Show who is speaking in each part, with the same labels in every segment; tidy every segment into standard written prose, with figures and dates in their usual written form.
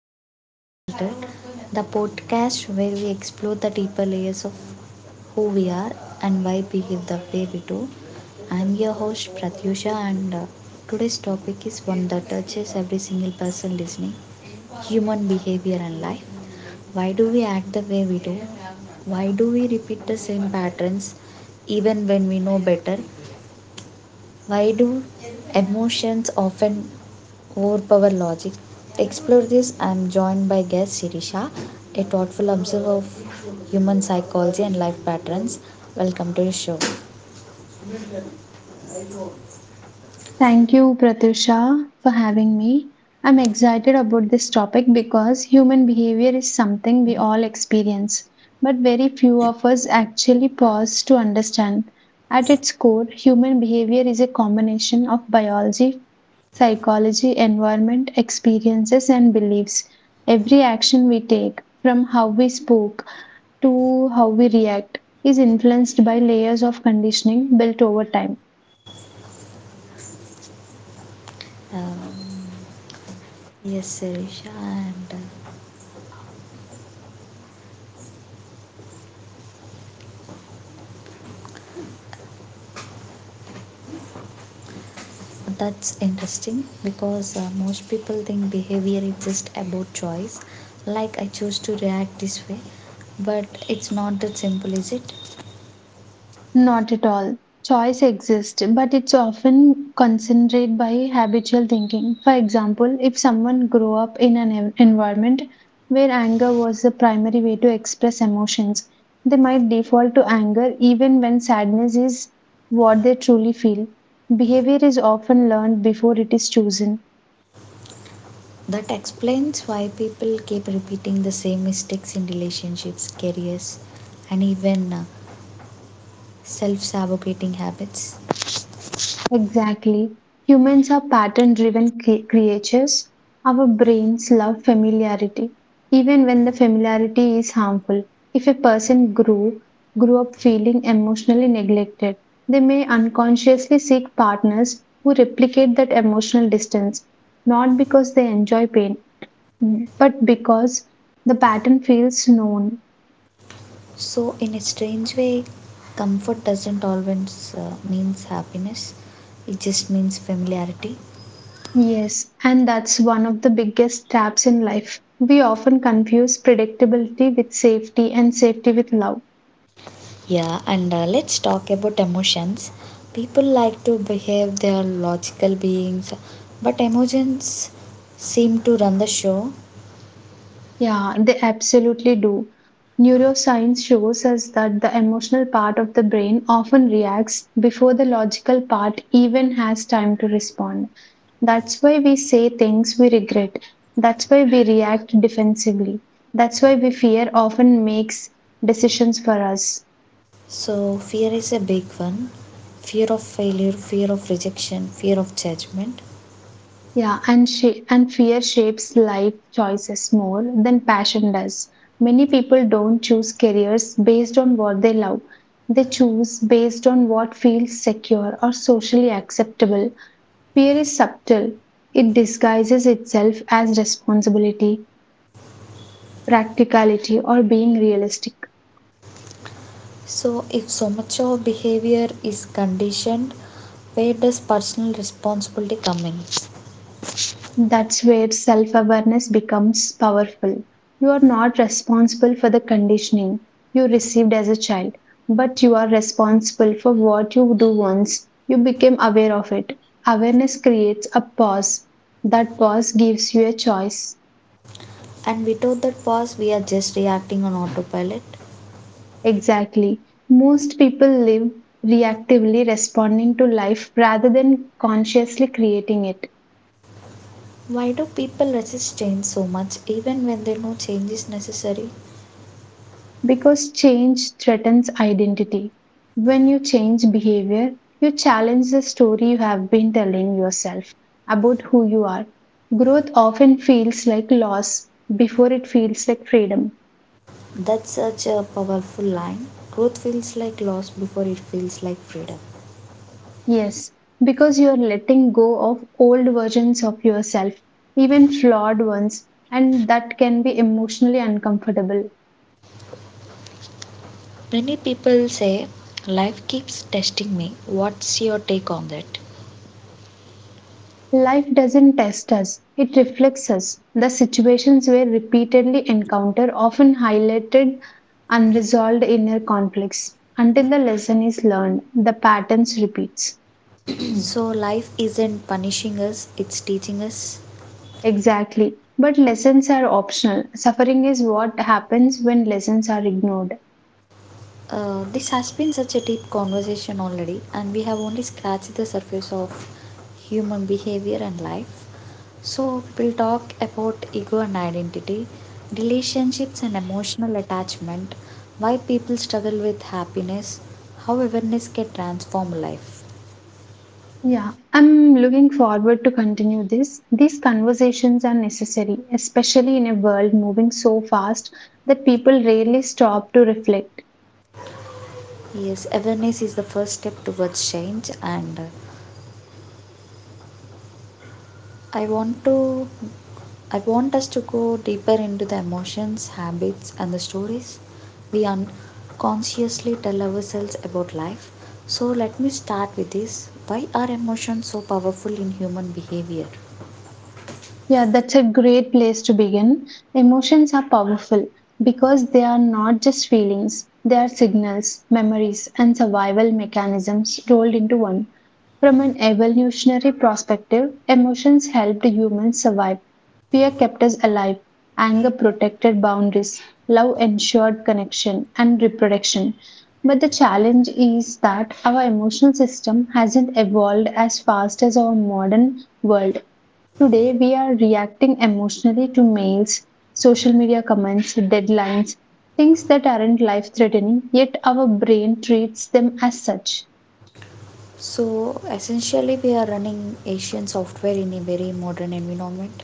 Speaker 1: Life Unfiltered, the podcast where we explore the deeper layers of who we are and why we behave the way we do. I'm your host Pratyusha, and today's topic is one that touches every single person listening, human behavior and life. Why do we act the way we do? Why do we repeat the same patterns even when we know better? Why do emotions often overpower logic? To explore this, I am joined by guest Sirisha, a thoughtful observer of human psychology and life patterns. Welcome to the show.
Speaker 2: Thank you, Pratusha, for having me. I'm excited about this topic because human behavior is something we all experience, but very few of us actually pause to understand. At its core, human behavior is a combination of biology, psychology, environment, experiences, and beliefs. Every action we take, from how we spoke to how we react, is influenced by layers of conditioning built over time.
Speaker 1: Um, yes, Sirisha, and that's interesting, because most people think behavior is just about choice, like I choose to react this way, but it's not that simple, is it?
Speaker 2: Not at all. Choice exists, but it's often concentrated by habitual thinking. For example, if someone grew up in an environment where anger was the primary way to express emotions, they might default to anger even when sadness is what they truly feel. Behavior is often learned before it is chosen.
Speaker 1: That explains why people keep repeating the same mistakes in relationships, careers, and even self sabotating habits.
Speaker 2: Exactly. Humans are pattern driven creatures. Our brains love familiarity, even when the familiarity is harmful. If a person grew up feeling emotionally neglected, they may unconsciously seek partners who replicate that emotional distance, not because they enjoy pain, but because the pattern feels known.
Speaker 1: So, in a strange way, comfort doesn't always means happiness, it just means familiarity.
Speaker 2: Yes, and that's one of the biggest traps in life. We often confuse predictability with safety and safety with love.
Speaker 1: Yeah, and let's talk about emotions. People like to behave they are logical beings, but emotions seem to run the show.
Speaker 2: Yeah, they absolutely do. Neuroscience shows us that the emotional part of the brain often reacts before the logical part even has time to respond. That's why we say things we regret. That's why we react defensively. That's why we fear often makes decisions for us.
Speaker 1: So, fear is a big one, fear of failure, fear of rejection, fear of judgment.
Speaker 2: Yeah, and fear shapes life choices more than passion does. Many people don't choose careers based on what they love. They choose based on what feels secure or socially acceptable. Fear is subtle. It disguises itself as responsibility, practicality, or being realistic.
Speaker 1: So, if so much of behavior is conditioned, where does personal responsibility come in?
Speaker 2: That's where self awareness becomes powerful. You are not responsible for the conditioning you received as a child, but you are responsible for what you do once you became aware of it. Awareness creates a pause. That pause gives you a choice.
Speaker 1: And without that pause, we are just reacting on autopilot.
Speaker 2: Exactly. Most people live reactively responding to life rather than consciously creating it.
Speaker 1: Why do people resist change so much even when they know change is necessary?
Speaker 2: Because change threatens identity. When you change behavior, you challenge the story you have been telling yourself about who you are. Growth often feels like loss before it feels like freedom.
Speaker 1: That's such a powerful line. Growth feels like loss before it feels like freedom.
Speaker 2: Yes, because you are letting go of old versions of yourself, even flawed ones, and that can be emotionally uncomfortable.
Speaker 1: Many people say life keeps testing me. What's your take on that?
Speaker 2: Life doesn't test us, it reflects us. The situations we repeatedly encounter often highlighted unresolved inner conflicts. Until the lesson is learned, the patterns repeats.
Speaker 1: So, life isn't punishing us, it's teaching us.
Speaker 2: Exactly. But lessons are optional. Suffering is what happens when lessons are ignored.
Speaker 1: This has been such a deep conversation already, and we have only scratched the surface of human behavior and life. So, we'll talk about ego and identity, relationships and emotional attachment, why people struggle with happiness, how awareness can transform life.
Speaker 2: Yeah, I'm looking forward to continue this. These conversations are necessary, especially in a world moving so fast that people rarely stop to reflect.
Speaker 1: Yes, awareness is the first step towards change, and I want to I want us to go deeper into the emotions, habits, and the stories we unconsciously tell ourselves about life. So, let me start with this. Why are emotions so powerful in human behavior?
Speaker 2: Yeah, that's a great place to begin. Emotions are powerful because they are not just feelings, they are signals, memories, and survival mechanisms rolled into one. From an evolutionary perspective, emotions helped humans survive. Fear kept us alive, anger protected boundaries, love ensured connection and reproduction. But the challenge is that our emotional system hasn't evolved as fast as our modern world. Today, we are reacting emotionally to mails, social media comments, deadlines, things that aren't life threatening, yet our brain treats them as such.
Speaker 1: So, essentially, we are running Asian software in a very modern environment.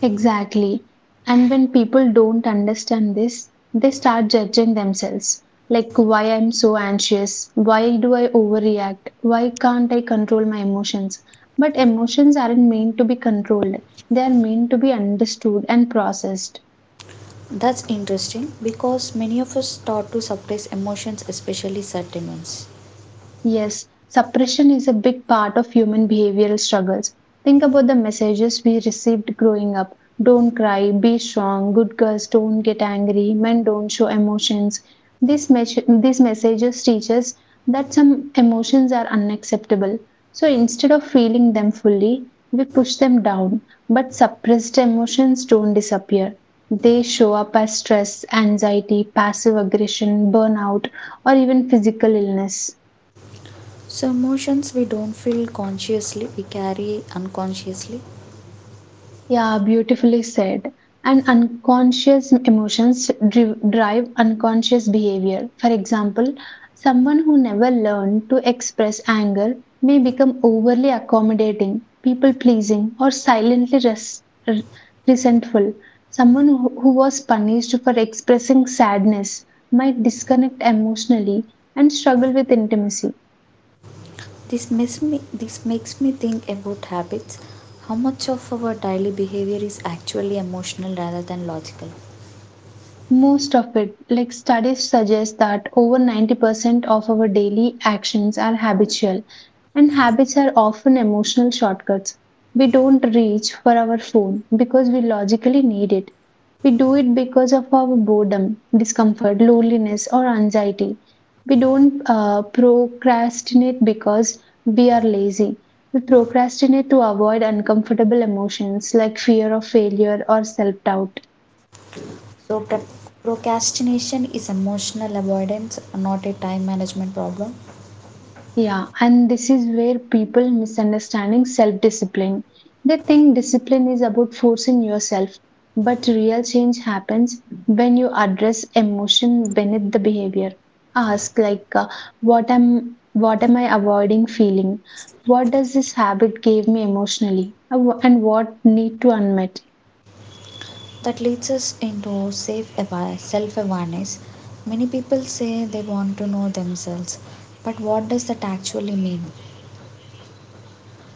Speaker 2: Exactly. And when people don't understand this, they start judging themselves. Like, why I'm so anxious? Why do I overreact? Why can't I control my emotions? But emotions aren't meant to be controlled, they are meant to be understood and processed.
Speaker 1: That's interesting because many of us start to suppress emotions, especially certain ones.
Speaker 2: Yes, suppression is a big part of human behavioral struggles. Think about the messages we received growing up. Don't cry, be strong, good girls don't get angry, men don't show emotions. These messages teach us that some emotions are unacceptable. So instead of feeling them fully, we push them down. But suppressed emotions don't disappear. They show up as stress, anxiety, passive aggression, burnout, or even physical illness.
Speaker 1: So emotions we don't feel consciously, we carry unconsciously.
Speaker 2: Yeah, beautifully said. And unconscious emotions drive unconscious behavior. For example, someone who never learned to express anger may become overly accommodating, people pleasing, or silently r- resentful. Someone who was punished for expressing sadness might disconnect emotionally and struggle with intimacy.
Speaker 1: This makes me think about habits. How much of our daily behavior is actually emotional rather than logical?
Speaker 2: Most of it, like studies suggest that over 90% of our daily actions are habitual, and habits are often emotional shortcuts. We don't reach for our phone because we logically need it. We do it because of our boredom, discomfort, loneliness, or anxiety. We don't procrastinate because we are lazy. We procrastinate to avoid uncomfortable emotions like fear of failure or self doubt.
Speaker 1: So procrastination is emotional avoidance, not a time management problem.
Speaker 2: Yeah, and this is where people misunderstanding self discipline. They think discipline is about forcing yourself, but real change happens when you address emotion beneath the behavior. Ask like, what am I avoiding feeling? What does this habit give me emotionally? And what need to unmet?
Speaker 1: That leads us into self-awareness. Many people say they want to know themselves, but what does that actually mean?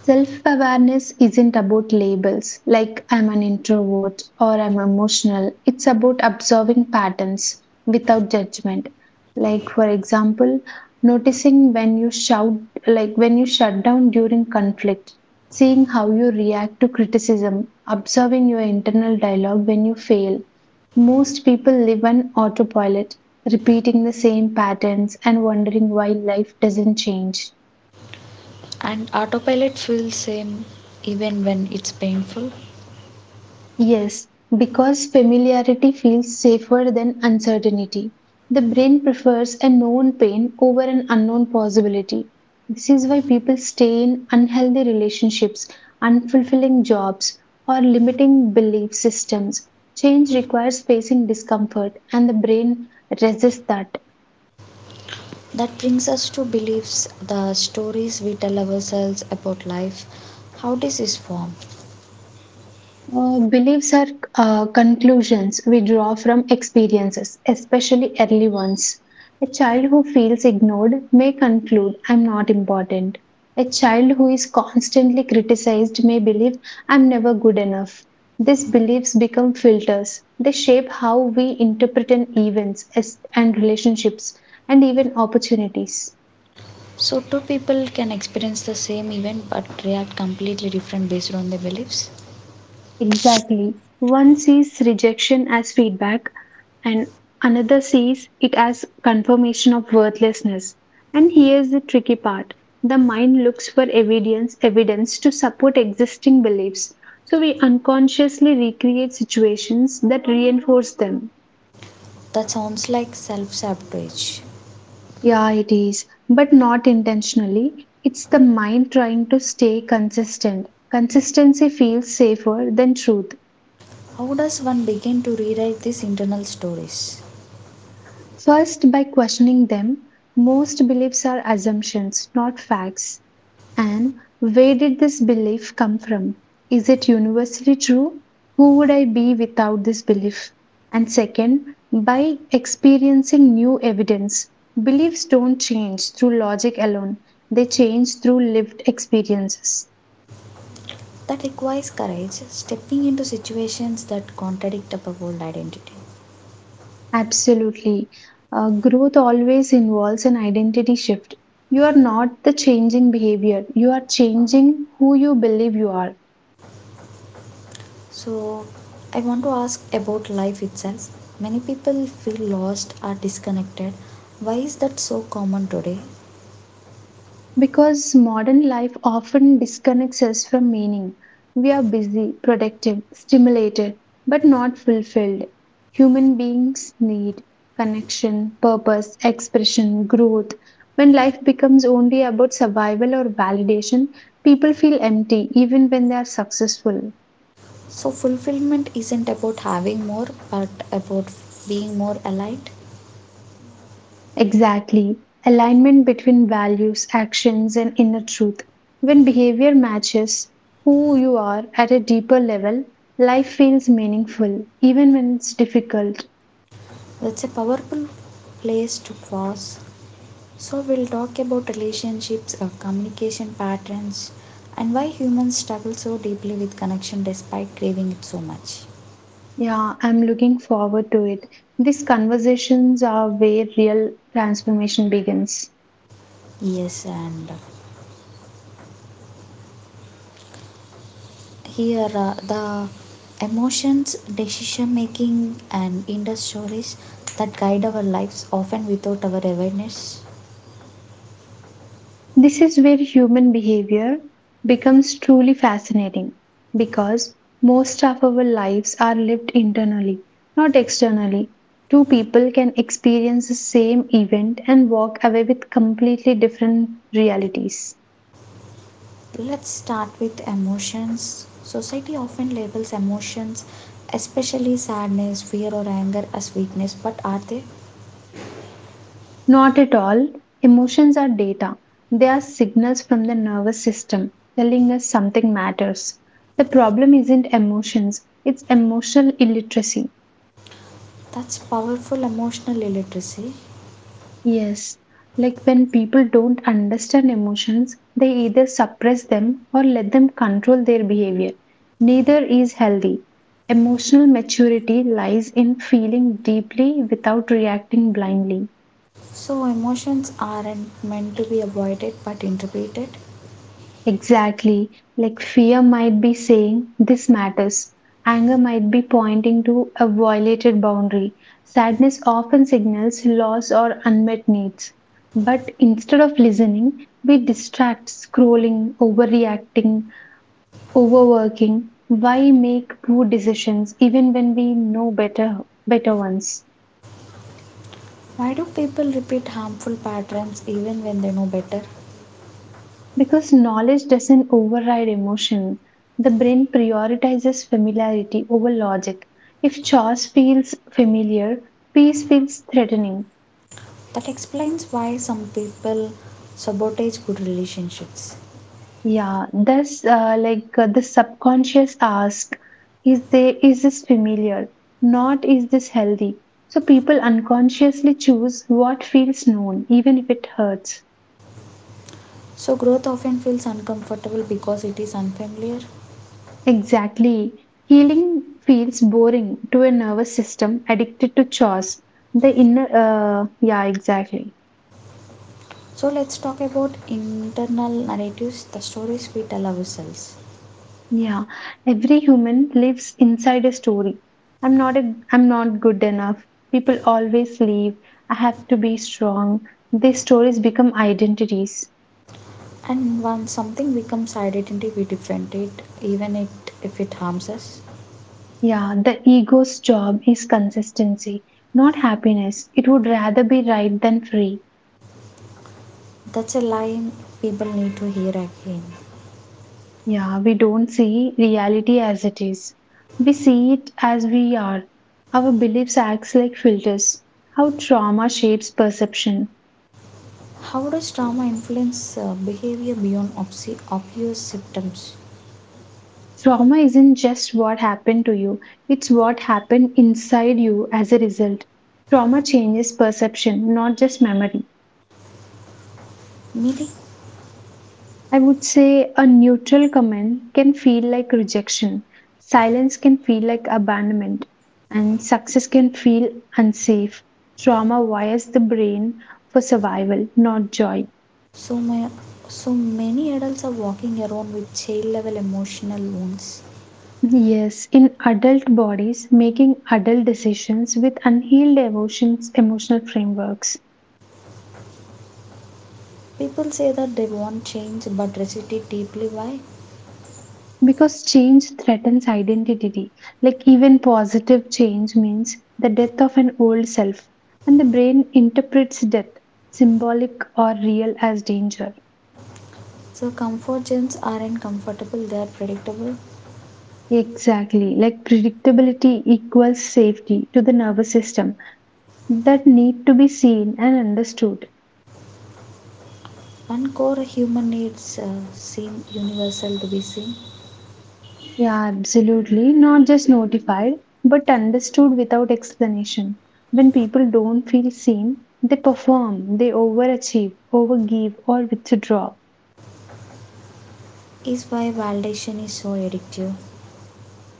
Speaker 2: Self awareness isn't about labels like I'm an introvert or I'm emotional. It's about observing patterns without judgment. Like, for example, noticing when you shout, like when you shut down during conflict, seeing how you react to criticism, observing your internal dialogue when you fail. Most people live on autopilot, repeating the same patterns and wondering why life doesn't change.
Speaker 1: And autopilot feels same even when it's painful.
Speaker 2: Yes, because familiarity feels safer than uncertainty. The brain prefers a known pain over an unknown possibility. This is why people stay in unhealthy relationships, unfulfilling jobs, or limiting belief systems. Change requires facing discomfort, and the brain resists that.
Speaker 1: That brings us to beliefs, the stories we tell ourselves about life. How does this form?
Speaker 2: Beliefs are conclusions we draw from experiences, especially early ones. A child who feels ignored may conclude, I'm not important. A child who is constantly criticized may believe, I'm never good enough. These beliefs become filters. They shape how we interpret an events and relationships and even opportunities.
Speaker 1: So, two people can experience the same event but react completely different based on their beliefs.
Speaker 2: Exactly. One sees rejection as feedback, and another sees it as confirmation of worthlessness. And here's the tricky part, the mind looks for evidence, evidence to support existing beliefs. So we unconsciously recreate situations that reinforce them.
Speaker 1: That sounds like self sabotage.
Speaker 2: Yeah, it is, but not intentionally. It's the mind trying to stay consistent. Consistency feels safer than truth.
Speaker 1: How does one begin to rewrite these internal stories?
Speaker 2: First, by questioning them, most beliefs are assumptions, not facts. And where did this belief come from? Is it universally true? Who would I be without this belief? And second, by experiencing new evidence. Beliefs don't change through logic alone, they change through lived experiences.
Speaker 1: That requires courage, stepping into situations that contradict our old identity.
Speaker 2: Absolutely. Growth always involves an identity shift. You are not the changing behavior, you are changing who you believe you are.
Speaker 1: So, I want to ask about life itself. Many people feel lost or disconnected. Why is that so common today?
Speaker 2: Because modern life often disconnects us from meaning. We are busy, productive, stimulated, but not fulfilled. Human beings need connection, purpose, expression, growth. When life becomes only about survival or validation, people feel empty even when they are successful.
Speaker 1: So, fulfillment isn't about having more, but about being more aligned.
Speaker 2: Exactly. Alignment between values, actions, and inner truth. When behavior matches who you are at a deeper level, life feels meaningful, even when it's difficult.
Speaker 1: That's a powerful place to pause. So, we'll talk about relationships, communication patterns, and why humans struggle so deeply with connection despite craving it so much.
Speaker 2: Yeah, I'm looking forward to it. These conversations are where real transformation begins.
Speaker 1: Yes, and here the emotions, decision making, and inner stories that guide our lives often without our awareness.
Speaker 2: This is where human behavior becomes truly fascinating because most of our lives are lived internally, not externally. Two people can experience the same event and walk away with completely different realities.
Speaker 1: Let's start with emotions. Society often labels emotions, especially sadness, fear, or anger, as weakness, but are they?
Speaker 2: Not at all. Emotions are data, they are signals from the nervous system telling us something matters. The problem isn't emotions, it's emotional illiteracy.
Speaker 1: That's powerful, emotional illiteracy.
Speaker 2: Yes, like when people don't understand emotions, they either suppress them or let them control their behavior. Neither is healthy. Emotional maturity lies in feeling deeply without reacting blindly.
Speaker 1: So emotions aren't meant to be avoided but interpreted.
Speaker 2: Exactly. Like fear might be saying, this matters. Anger might be pointing to a violated boundary. Sadness often signals loss or unmet needs. But instead of listening, we distract, scrolling, overreacting, overworking. Why make poor decisions even when we know better ones?
Speaker 1: Why do people repeat harmful patterns even when they know better?
Speaker 2: Because knowledge doesn't override emotion, the brain prioritizes familiarity over logic. If chores feels familiar, peace feels threatening.
Speaker 1: That explains why some people sabotage good relationships.
Speaker 2: Yeah, thus, like the subconscious asks, is this familiar? Not is this healthy? So people unconsciously choose what feels known, even if it hurts.
Speaker 1: So, growth often feels uncomfortable because it is unfamiliar.
Speaker 2: Exactly. Healing feels boring to a nervous system addicted to chores. The yeah, exactly.
Speaker 1: So, let's talk about internal narratives, the stories we tell ourselves.
Speaker 2: Yeah, every human lives inside a story. I'm not good enough. People always leave. I have to be strong. These stories become identities.
Speaker 1: And once something becomes identity, we defend it, if it harms us.
Speaker 2: Yeah, the ego's job is consistency, not happiness. It would rather be right than free.
Speaker 1: That's a line people need to hear again.
Speaker 2: Yeah, we don't see reality as it is. We see it as we are. Our beliefs acts like filters. How trauma shapes perception.
Speaker 1: How does trauma influence behavior beyond obvious symptoms?
Speaker 2: Trauma isn't just what happened to you, it's what happened inside you as a result. Trauma changes perception, not just memory.
Speaker 1: Meaning,
Speaker 2: I would say a neutral comment can feel like rejection. Silence can feel like abandonment. And success can feel unsafe. Trauma wires the brain for survival, not joy.
Speaker 1: So, my, so many adults are walking around with child level emotional wounds.
Speaker 2: Yes, in adult bodies, making adult decisions with unhealed emotions, emotional frameworks.
Speaker 1: People say that they want change but resist it deeply. Why?
Speaker 2: Because change threatens identity. Like even positive change means the death of an old self, and the brain interprets death, symbolic or real, as danger.
Speaker 1: So, comfort zones aren't comfortable, they are predictable.
Speaker 2: Exactly. Like predictability equals safety to the nervous system that need to be seen and understood.
Speaker 1: One core human needs seem universal, to be seen.
Speaker 2: Yeah, absolutely. Not just notified, but understood without explanation. When people don't feel seen, they perform, they overachieve, overgive, or withdraw.
Speaker 1: Is why validation is so addictive?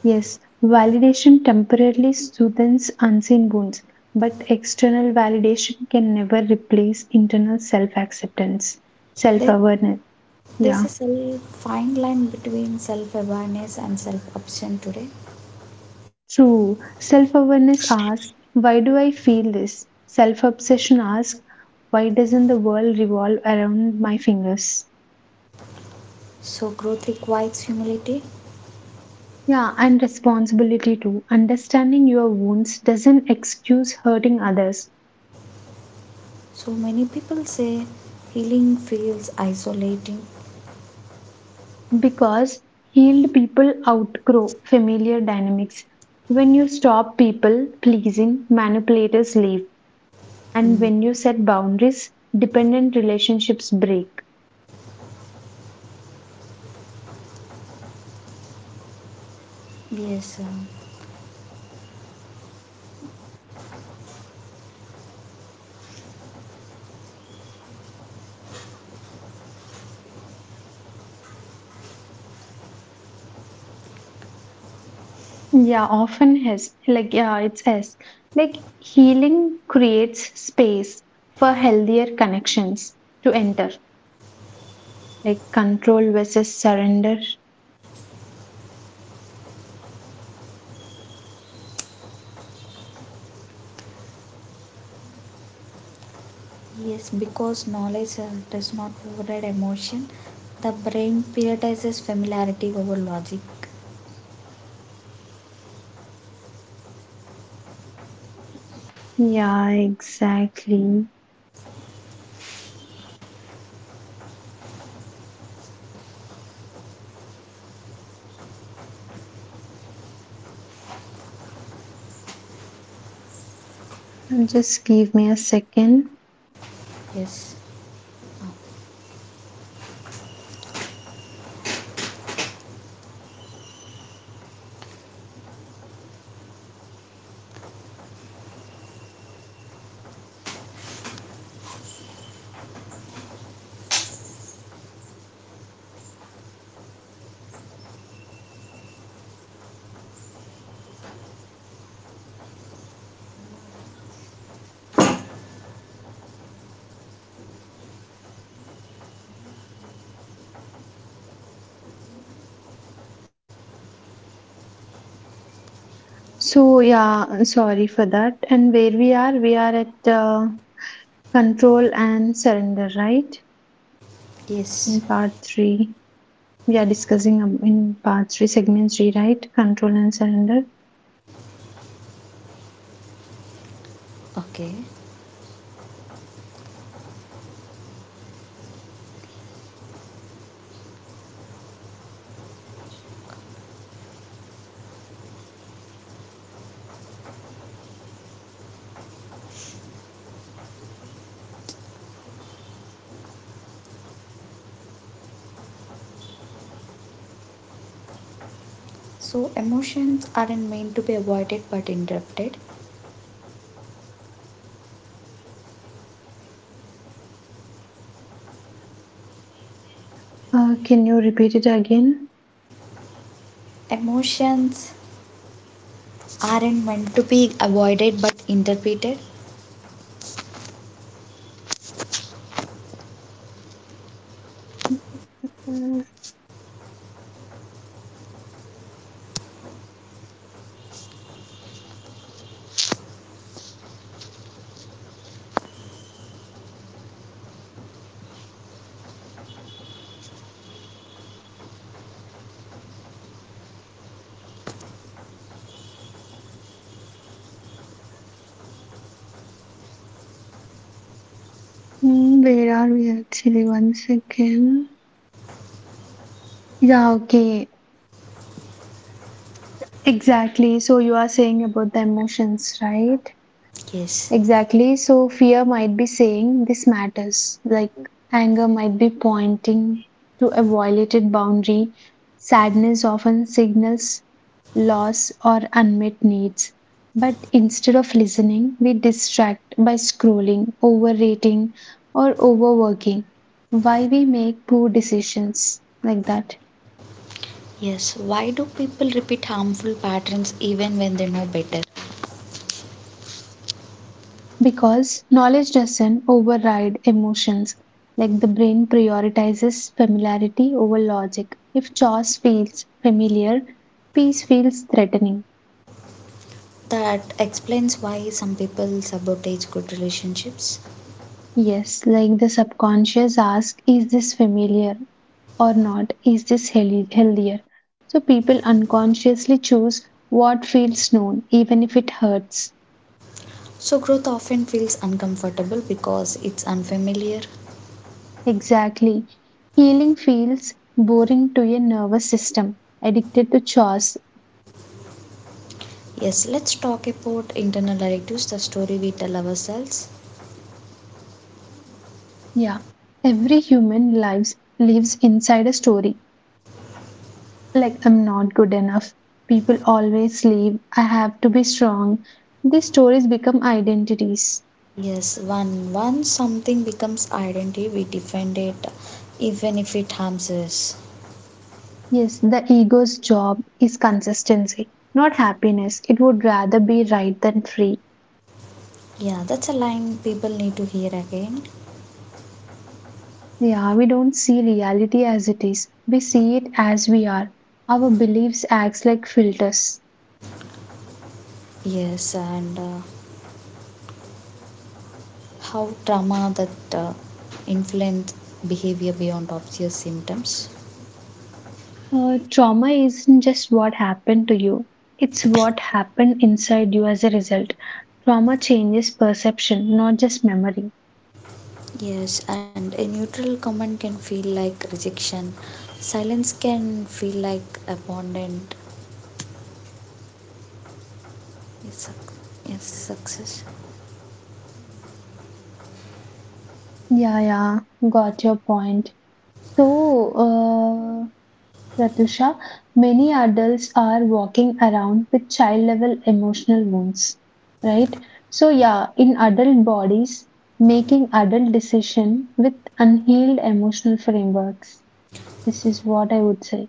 Speaker 2: Yes, validation temporarily soothes unseen wounds, but external validation can never replace internal self acceptance, self
Speaker 1: There,
Speaker 2: awareness.
Speaker 1: there's
Speaker 2: Yeah,
Speaker 1: a self, fine line between self awareness and self option today.
Speaker 2: true. Self awareness asks, Why do I feel this? Self obsession asks, Why doesn't the world revolve around my fingers?
Speaker 1: So, growth requires humility.
Speaker 2: Yeah, and responsibility too. Understanding your wounds doesn't excuse hurting others,
Speaker 1: So many people say healing feels isolating.
Speaker 2: because healed people outgrow familiar dynamics. When you stop people pleasing, manipulators leave, and
Speaker 1: Mm.
Speaker 2: when you set boundaries, dependent relationships break.
Speaker 1: Yes,
Speaker 2: Yeah, often has like yeah, it's S. Like healing creates space for healthier connections to enter, like control versus surrender.
Speaker 1: yes, because knowledge does not override emotion. The brain prioritizes familiarity over logic.
Speaker 2: Yeah, exactly. Just give me a second.
Speaker 1: Yes,
Speaker 2: So yeah, I'm sorry for that. And where we are, we are at control and surrender, right?
Speaker 1: yes,
Speaker 2: In part three, we are discussing in part three, segment three, right? Control and surrender.
Speaker 1: okay. So, emotions aren't meant to be avoided but interrupted.
Speaker 2: Can you repeat it again?
Speaker 1: Emotions aren't meant to be avoided but interpreted.
Speaker 2: Mm, Where are we actually once again? Yeah, okay, exactly. So you are saying about the emotions, right?
Speaker 1: Yes,
Speaker 2: Exactly. So fear might be saying this matters. Like anger might be pointing to a violated boundary. Sadness often signals loss or unmet needs. But instead of listening, we distract by scrolling, overrating, or overworking. Why we make poor decisions like that.
Speaker 1: yes. Why do people repeat harmful patterns even when they know better?
Speaker 2: Because knowledge doesn't override emotions, like the brain prioritizes familiarity over logic. If chores feels familiar, peace feels threatening.
Speaker 1: That explains why some people sabotage good relationships.
Speaker 2: Yes, like the subconscious asks, is this familiar or not? Is this healthy, healthier? So people unconsciously choose what feels known, even if it hurts.
Speaker 1: So, growth often feels uncomfortable because it's unfamiliar.
Speaker 2: Exactly. Healing feels boring to a nervous system addicted to chores.
Speaker 1: Yes, let's talk about internal narratives, the story we tell ourselves.
Speaker 2: Yeah, every human lives inside a story. Like I'm not good enough. People always leave. I have to be strong. These stories become identities.
Speaker 1: Yes, one once something becomes identity, we defend it even if it harms us.
Speaker 2: Yes, the ego's job is consistency, not happiness. It would rather be right than free.
Speaker 1: Yeah, that's a line people need to hear again.
Speaker 2: Yeah, we don't see reality as it is. We see it as we are. Our beliefs acts like filters.
Speaker 1: Yes, and how trauma that influence behavior beyond obvious symptoms.
Speaker 2: Trauma isn't just what happened to you, it's what happened inside you as a result. Trauma changes perception, not just memory.
Speaker 1: Yes, and a neutral comment can feel like rejection. Silence can feel like abandonment. Yes, yes, success.
Speaker 2: Yeah, yeah, got your point. So, uh, Pratusha, many adults are walking around with child level emotional wounds, right? So, yeah, in adult bodies, making adult decision with unhealed emotional frameworks. This is what I would say.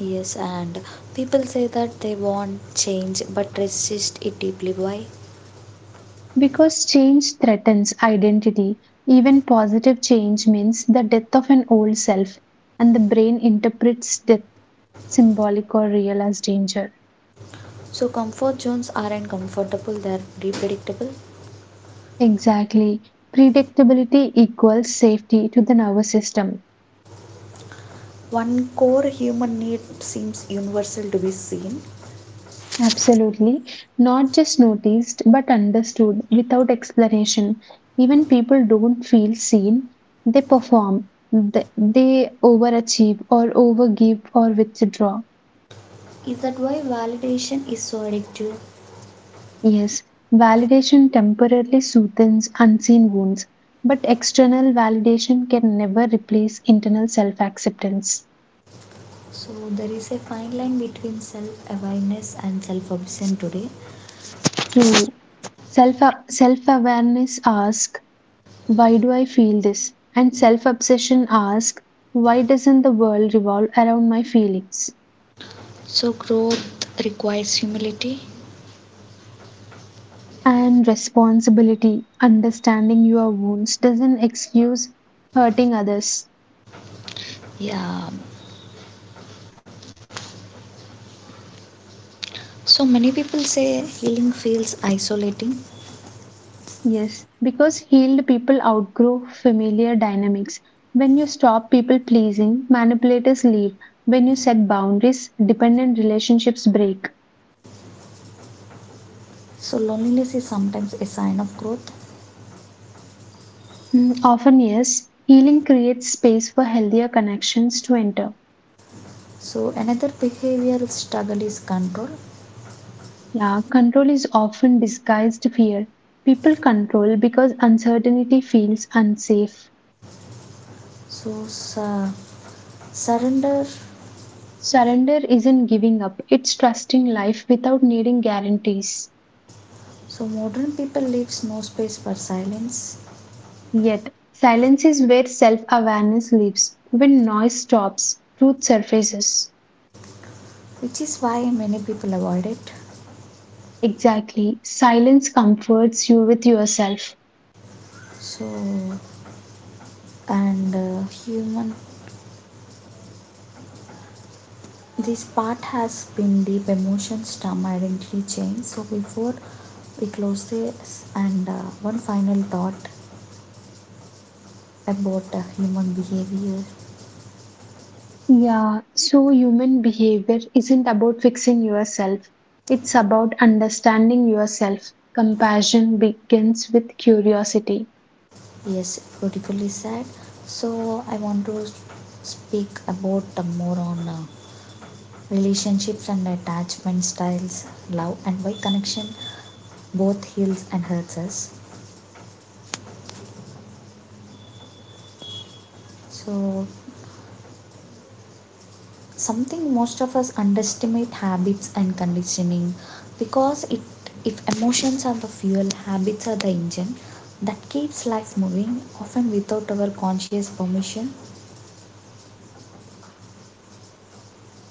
Speaker 1: Yes, and people say that they want change but resist it deeply. Why?
Speaker 2: Because change threatens identity, even positive change means the death of an old self, and the brain interprets death, symbolic or real, as danger.
Speaker 1: So, comfort zones aren't comfortable, they are predictable.
Speaker 2: Exactly. Predictability equals safety to the nervous system.
Speaker 1: One core human need seems universal, to be seen.
Speaker 2: Absolutely. Not just noticed, but understood without explanation. Even people don't feel seen, they perform, they overachieve, or overgive, or withdraw.
Speaker 1: Is that why validation is so addictive?
Speaker 2: Yes, validation temporarily soothes unseen wounds, but external validation can never replace internal self acceptance.
Speaker 1: So, there is a fine line between self awareness and self obsession today.
Speaker 2: True. Self self awareness asks, Why do I feel this? And self obsession asks, Why doesn't the world revolve around my feelings?
Speaker 1: So growth requires humility.
Speaker 2: And responsibility, understanding your wounds doesn't excuse hurting others.
Speaker 1: Yeah. So many people say healing feels isolating.
Speaker 2: Yes, because healed people outgrow familiar dynamics. When you stop people pleasing, manipulators leave. When you set boundaries, dependent relationships break.
Speaker 1: So loneliness is sometimes a sign of growth.
Speaker 2: Mm, often, yes, healing creates space for healthier connections to enter.
Speaker 1: So another behavioral struggle is control.
Speaker 2: Yeah, control is often disguised fear. People control because uncertainty feels unsafe.
Speaker 1: So surrender.
Speaker 2: Surrender isn't giving up, it's trusting life without needing guarantees.
Speaker 1: So modern people leaves no space for silence,
Speaker 2: Yet, silence is where self awareness lives. When noise stops, truth surfaces.
Speaker 1: which is why many people avoid it.
Speaker 2: Exactly, silence comforts you with yourself.
Speaker 1: So and human, this part has been deep, emotions, term identity change. So before we close this, and one final thought about human behavior.
Speaker 2: Yeah, so human behavior isn't about fixing yourself, it's about understanding yourself. Compassion begins with curiosity.
Speaker 1: Yes, beautifully said. So I want to speak about more on relationships and attachment styles, love, and why connection both heals and hurts us. So, something most of us underestimate, habits and conditioning, because it, if emotions are the fuel, habits are the engine that keeps life moving, often without our conscious permission.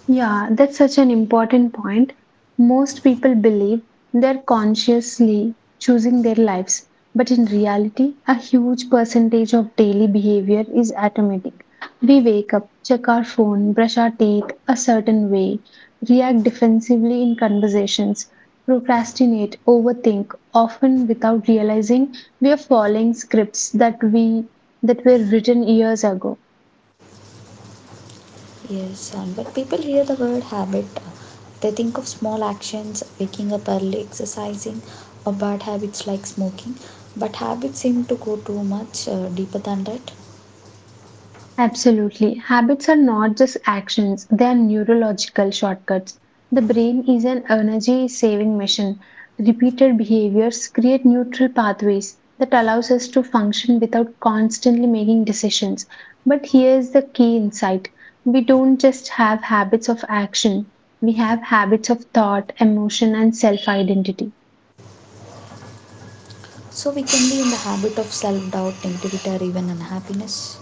Speaker 2: Yeah, that's such an important point. Most people believe they're consciously choosing their lives, but in reality, a huge percentage of daily behavior is automatic. We wake up, check our phone, brush our teeth a certain way, react defensively in conversations, procrastinate, overthink, often without realizing we are following scripts that were written years ago.
Speaker 1: Yes, and when people hear the word habit, they think of small actions, waking up early, exercising, or bad habits like smoking, but habits seem to go too much deeper than that.
Speaker 2: Absolutely. Habits are not just actions, they are neurological shortcuts. The brain is an energy saving machine. Repeated behaviors create neutral pathways that allows us to function without constantly making decisions. But here's the key insight. We don't just have habits of action. We have habits of thought, emotion and self-identity.
Speaker 1: So we can be in the habit of self doubt, negativity, or even unhappiness.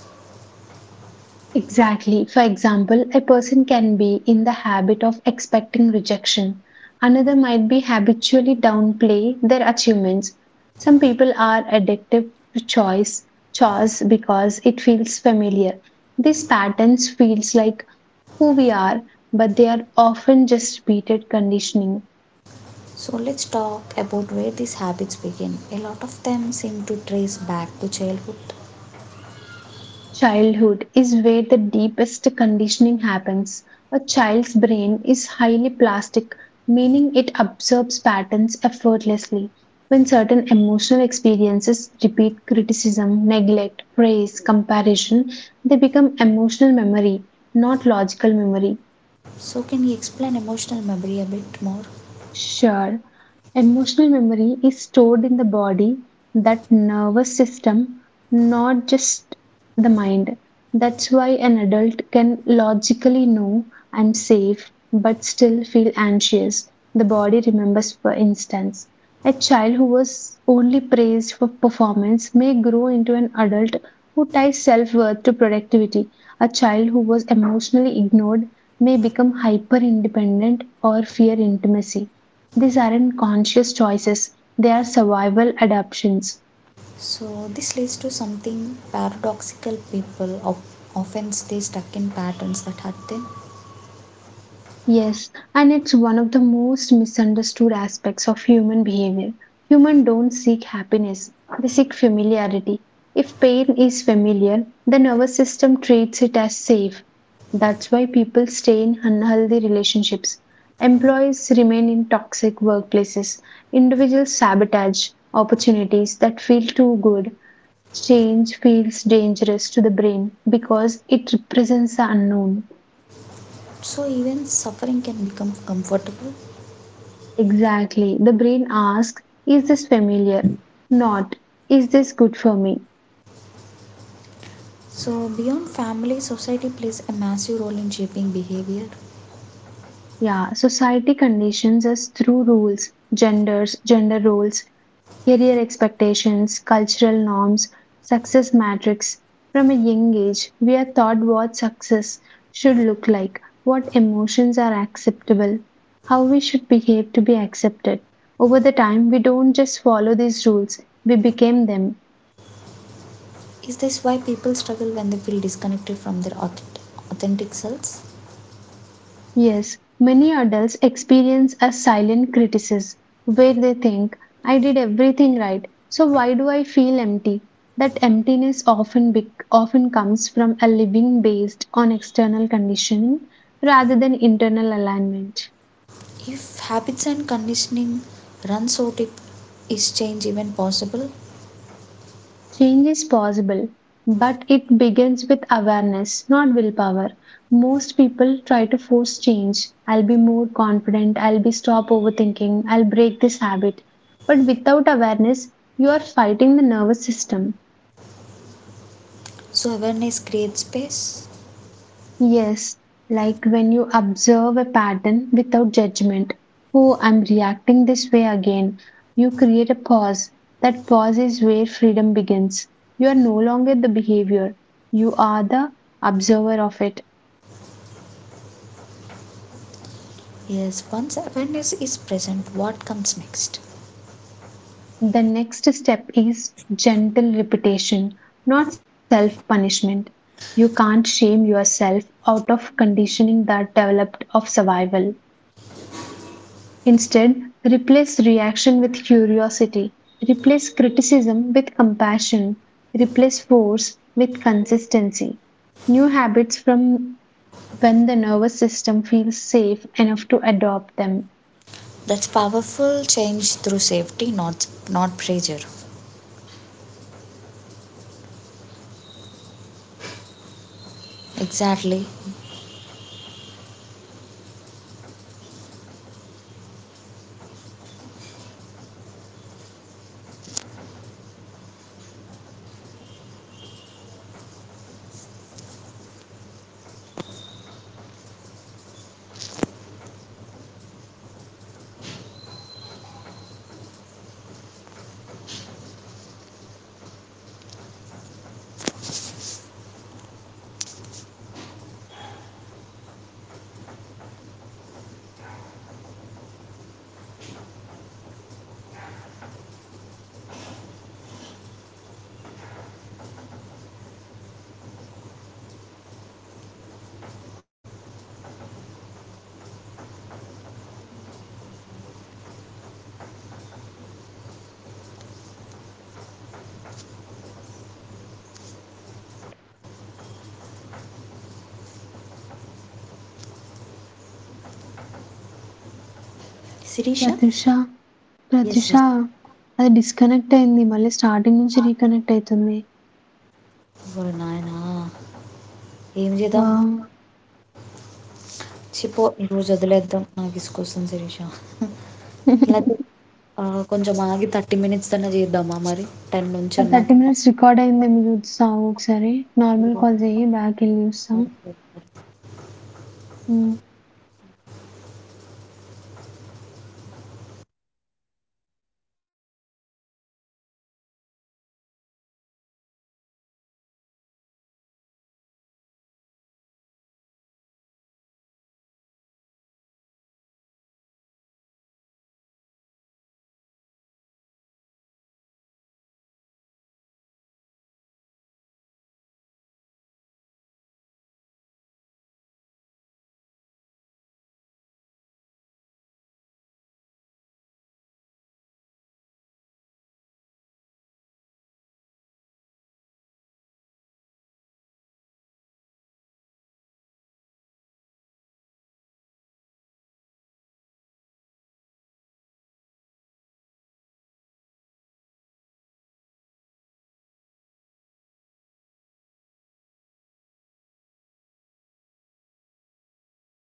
Speaker 2: Exactly. For example, a person can be in the habit of expecting rejection. Another might be habitually downplay their achievements. Some people are addicted to chores because it feels familiar. These patterns feels like who we are, but they are often just repeated conditioning.
Speaker 1: So let's talk about where these habits begin. A lot of them seem to trace back to childhood.
Speaker 2: Childhood is where the deepest conditioning happens. A child's brain is highly plastic, meaning it absorbs patterns effortlessly. When certain emotional experiences repeat criticism, neglect, praise, comparison, they become emotional memory, not logical memory.
Speaker 1: So can you explain emotional memory a bit more?
Speaker 2: Sure, emotional memory is stored in the body, that nervous system, not just the mind. That's why an adult can logically know I'm safe but still feel anxious. The body remembers, for instance. A child who was only praised for performance may grow into an adult who ties self worth to productivity. A child who was emotionally ignored may become hyper independent or fear intimacy. These aren't conscious choices, they are survival adaptations.
Speaker 1: So this leads to something paradoxical, people of often stay stuck in patterns that hurt them.
Speaker 2: Yes, and it's one of the most misunderstood aspects of human behavior. Humans don't seek happiness, they seek familiarity. If pain is familiar, the nervous system treats it as safe. That's why people stay in unhealthy relationships. Employees remain in toxic workplaces. Individuals sabotage opportunities that feel too good. Change feels dangerous to the brain because it represents the unknown.
Speaker 1: So even suffering can become comfortable.
Speaker 2: Exactly. The brain asks, is this familiar? Not, is this good for me?
Speaker 1: So beyond family, society plays a massive role in shaping behavior.
Speaker 2: Yeah, society conditions us through rules, gender roles, career expectations, cultural norms, success metrics. From a young age, we are taught what success should look like, what emotions are acceptable, how we should behave to be accepted. Over the time, we don't just follow these rules, we became them.
Speaker 1: Is this why people struggle when they feel disconnected from their authentic selves?
Speaker 2: Yes, many adults experience a silent criticism where they think, I did everything right, so why do I feel empty? That emptiness often comes from a living based on external conditioning rather than internal alignment.
Speaker 1: If habits and conditioning runs out, if is change even possible?
Speaker 2: Change is possible, but it begins with awareness, not willpower. Most people try to force change. I'll be more confident, I'll be stop overthinking, I'll break this habit. But without awareness, you are fighting the nervous system.
Speaker 1: So awareness creates space.
Speaker 2: Yes, like when you observe a pattern without judgment. Oh, I'm reacting this way again. You create a pause. That pause is where freedom begins. You are no longer the behavior, you are the observer of it.
Speaker 1: Yes, once awareness is present, what comes next?
Speaker 2: The next step is gentle repetition, not self punishment. You can't shame yourself out of conditioning that developed of survival. Instead, replace reaction with curiosity, replace criticism with compassion, replace force with consistency. New habits from when the nervous system feels safe enough to adopt them.
Speaker 1: That's powerful, change through safety, not pressure. Exactly. Shirisha,
Speaker 2: Pratyusha,
Speaker 1: S S.
Speaker 2: 'Pratyusha' అది disconnect అయింది. మళ్ళీ starting నుంచి reconnect అయితుంది.
Speaker 1: ఓరి నాయనా, ఏం చేద్దాం?
Speaker 2: Wow!
Speaker 1: చిపో, ఈరోజు వదిలేద్దాం, నాకు ఇసుకొస్తుంది శిరీష. లేకపోతే, ఆ, కొంచెం ఆగి థర్టీ మినిట్స్ అన్నా చేద్దామా మరి? టెన్ నుంచి
Speaker 2: ఆ
Speaker 1: అన్నా.
Speaker 2: 30 మినిట్స్ రికార్డ్ అయిందేమో చూస్తాగు ఒకసారి. నార్మల్ కాల్ చెయ్యి. బ్యాకెళ్ళి చూస్తా. హ్మ్.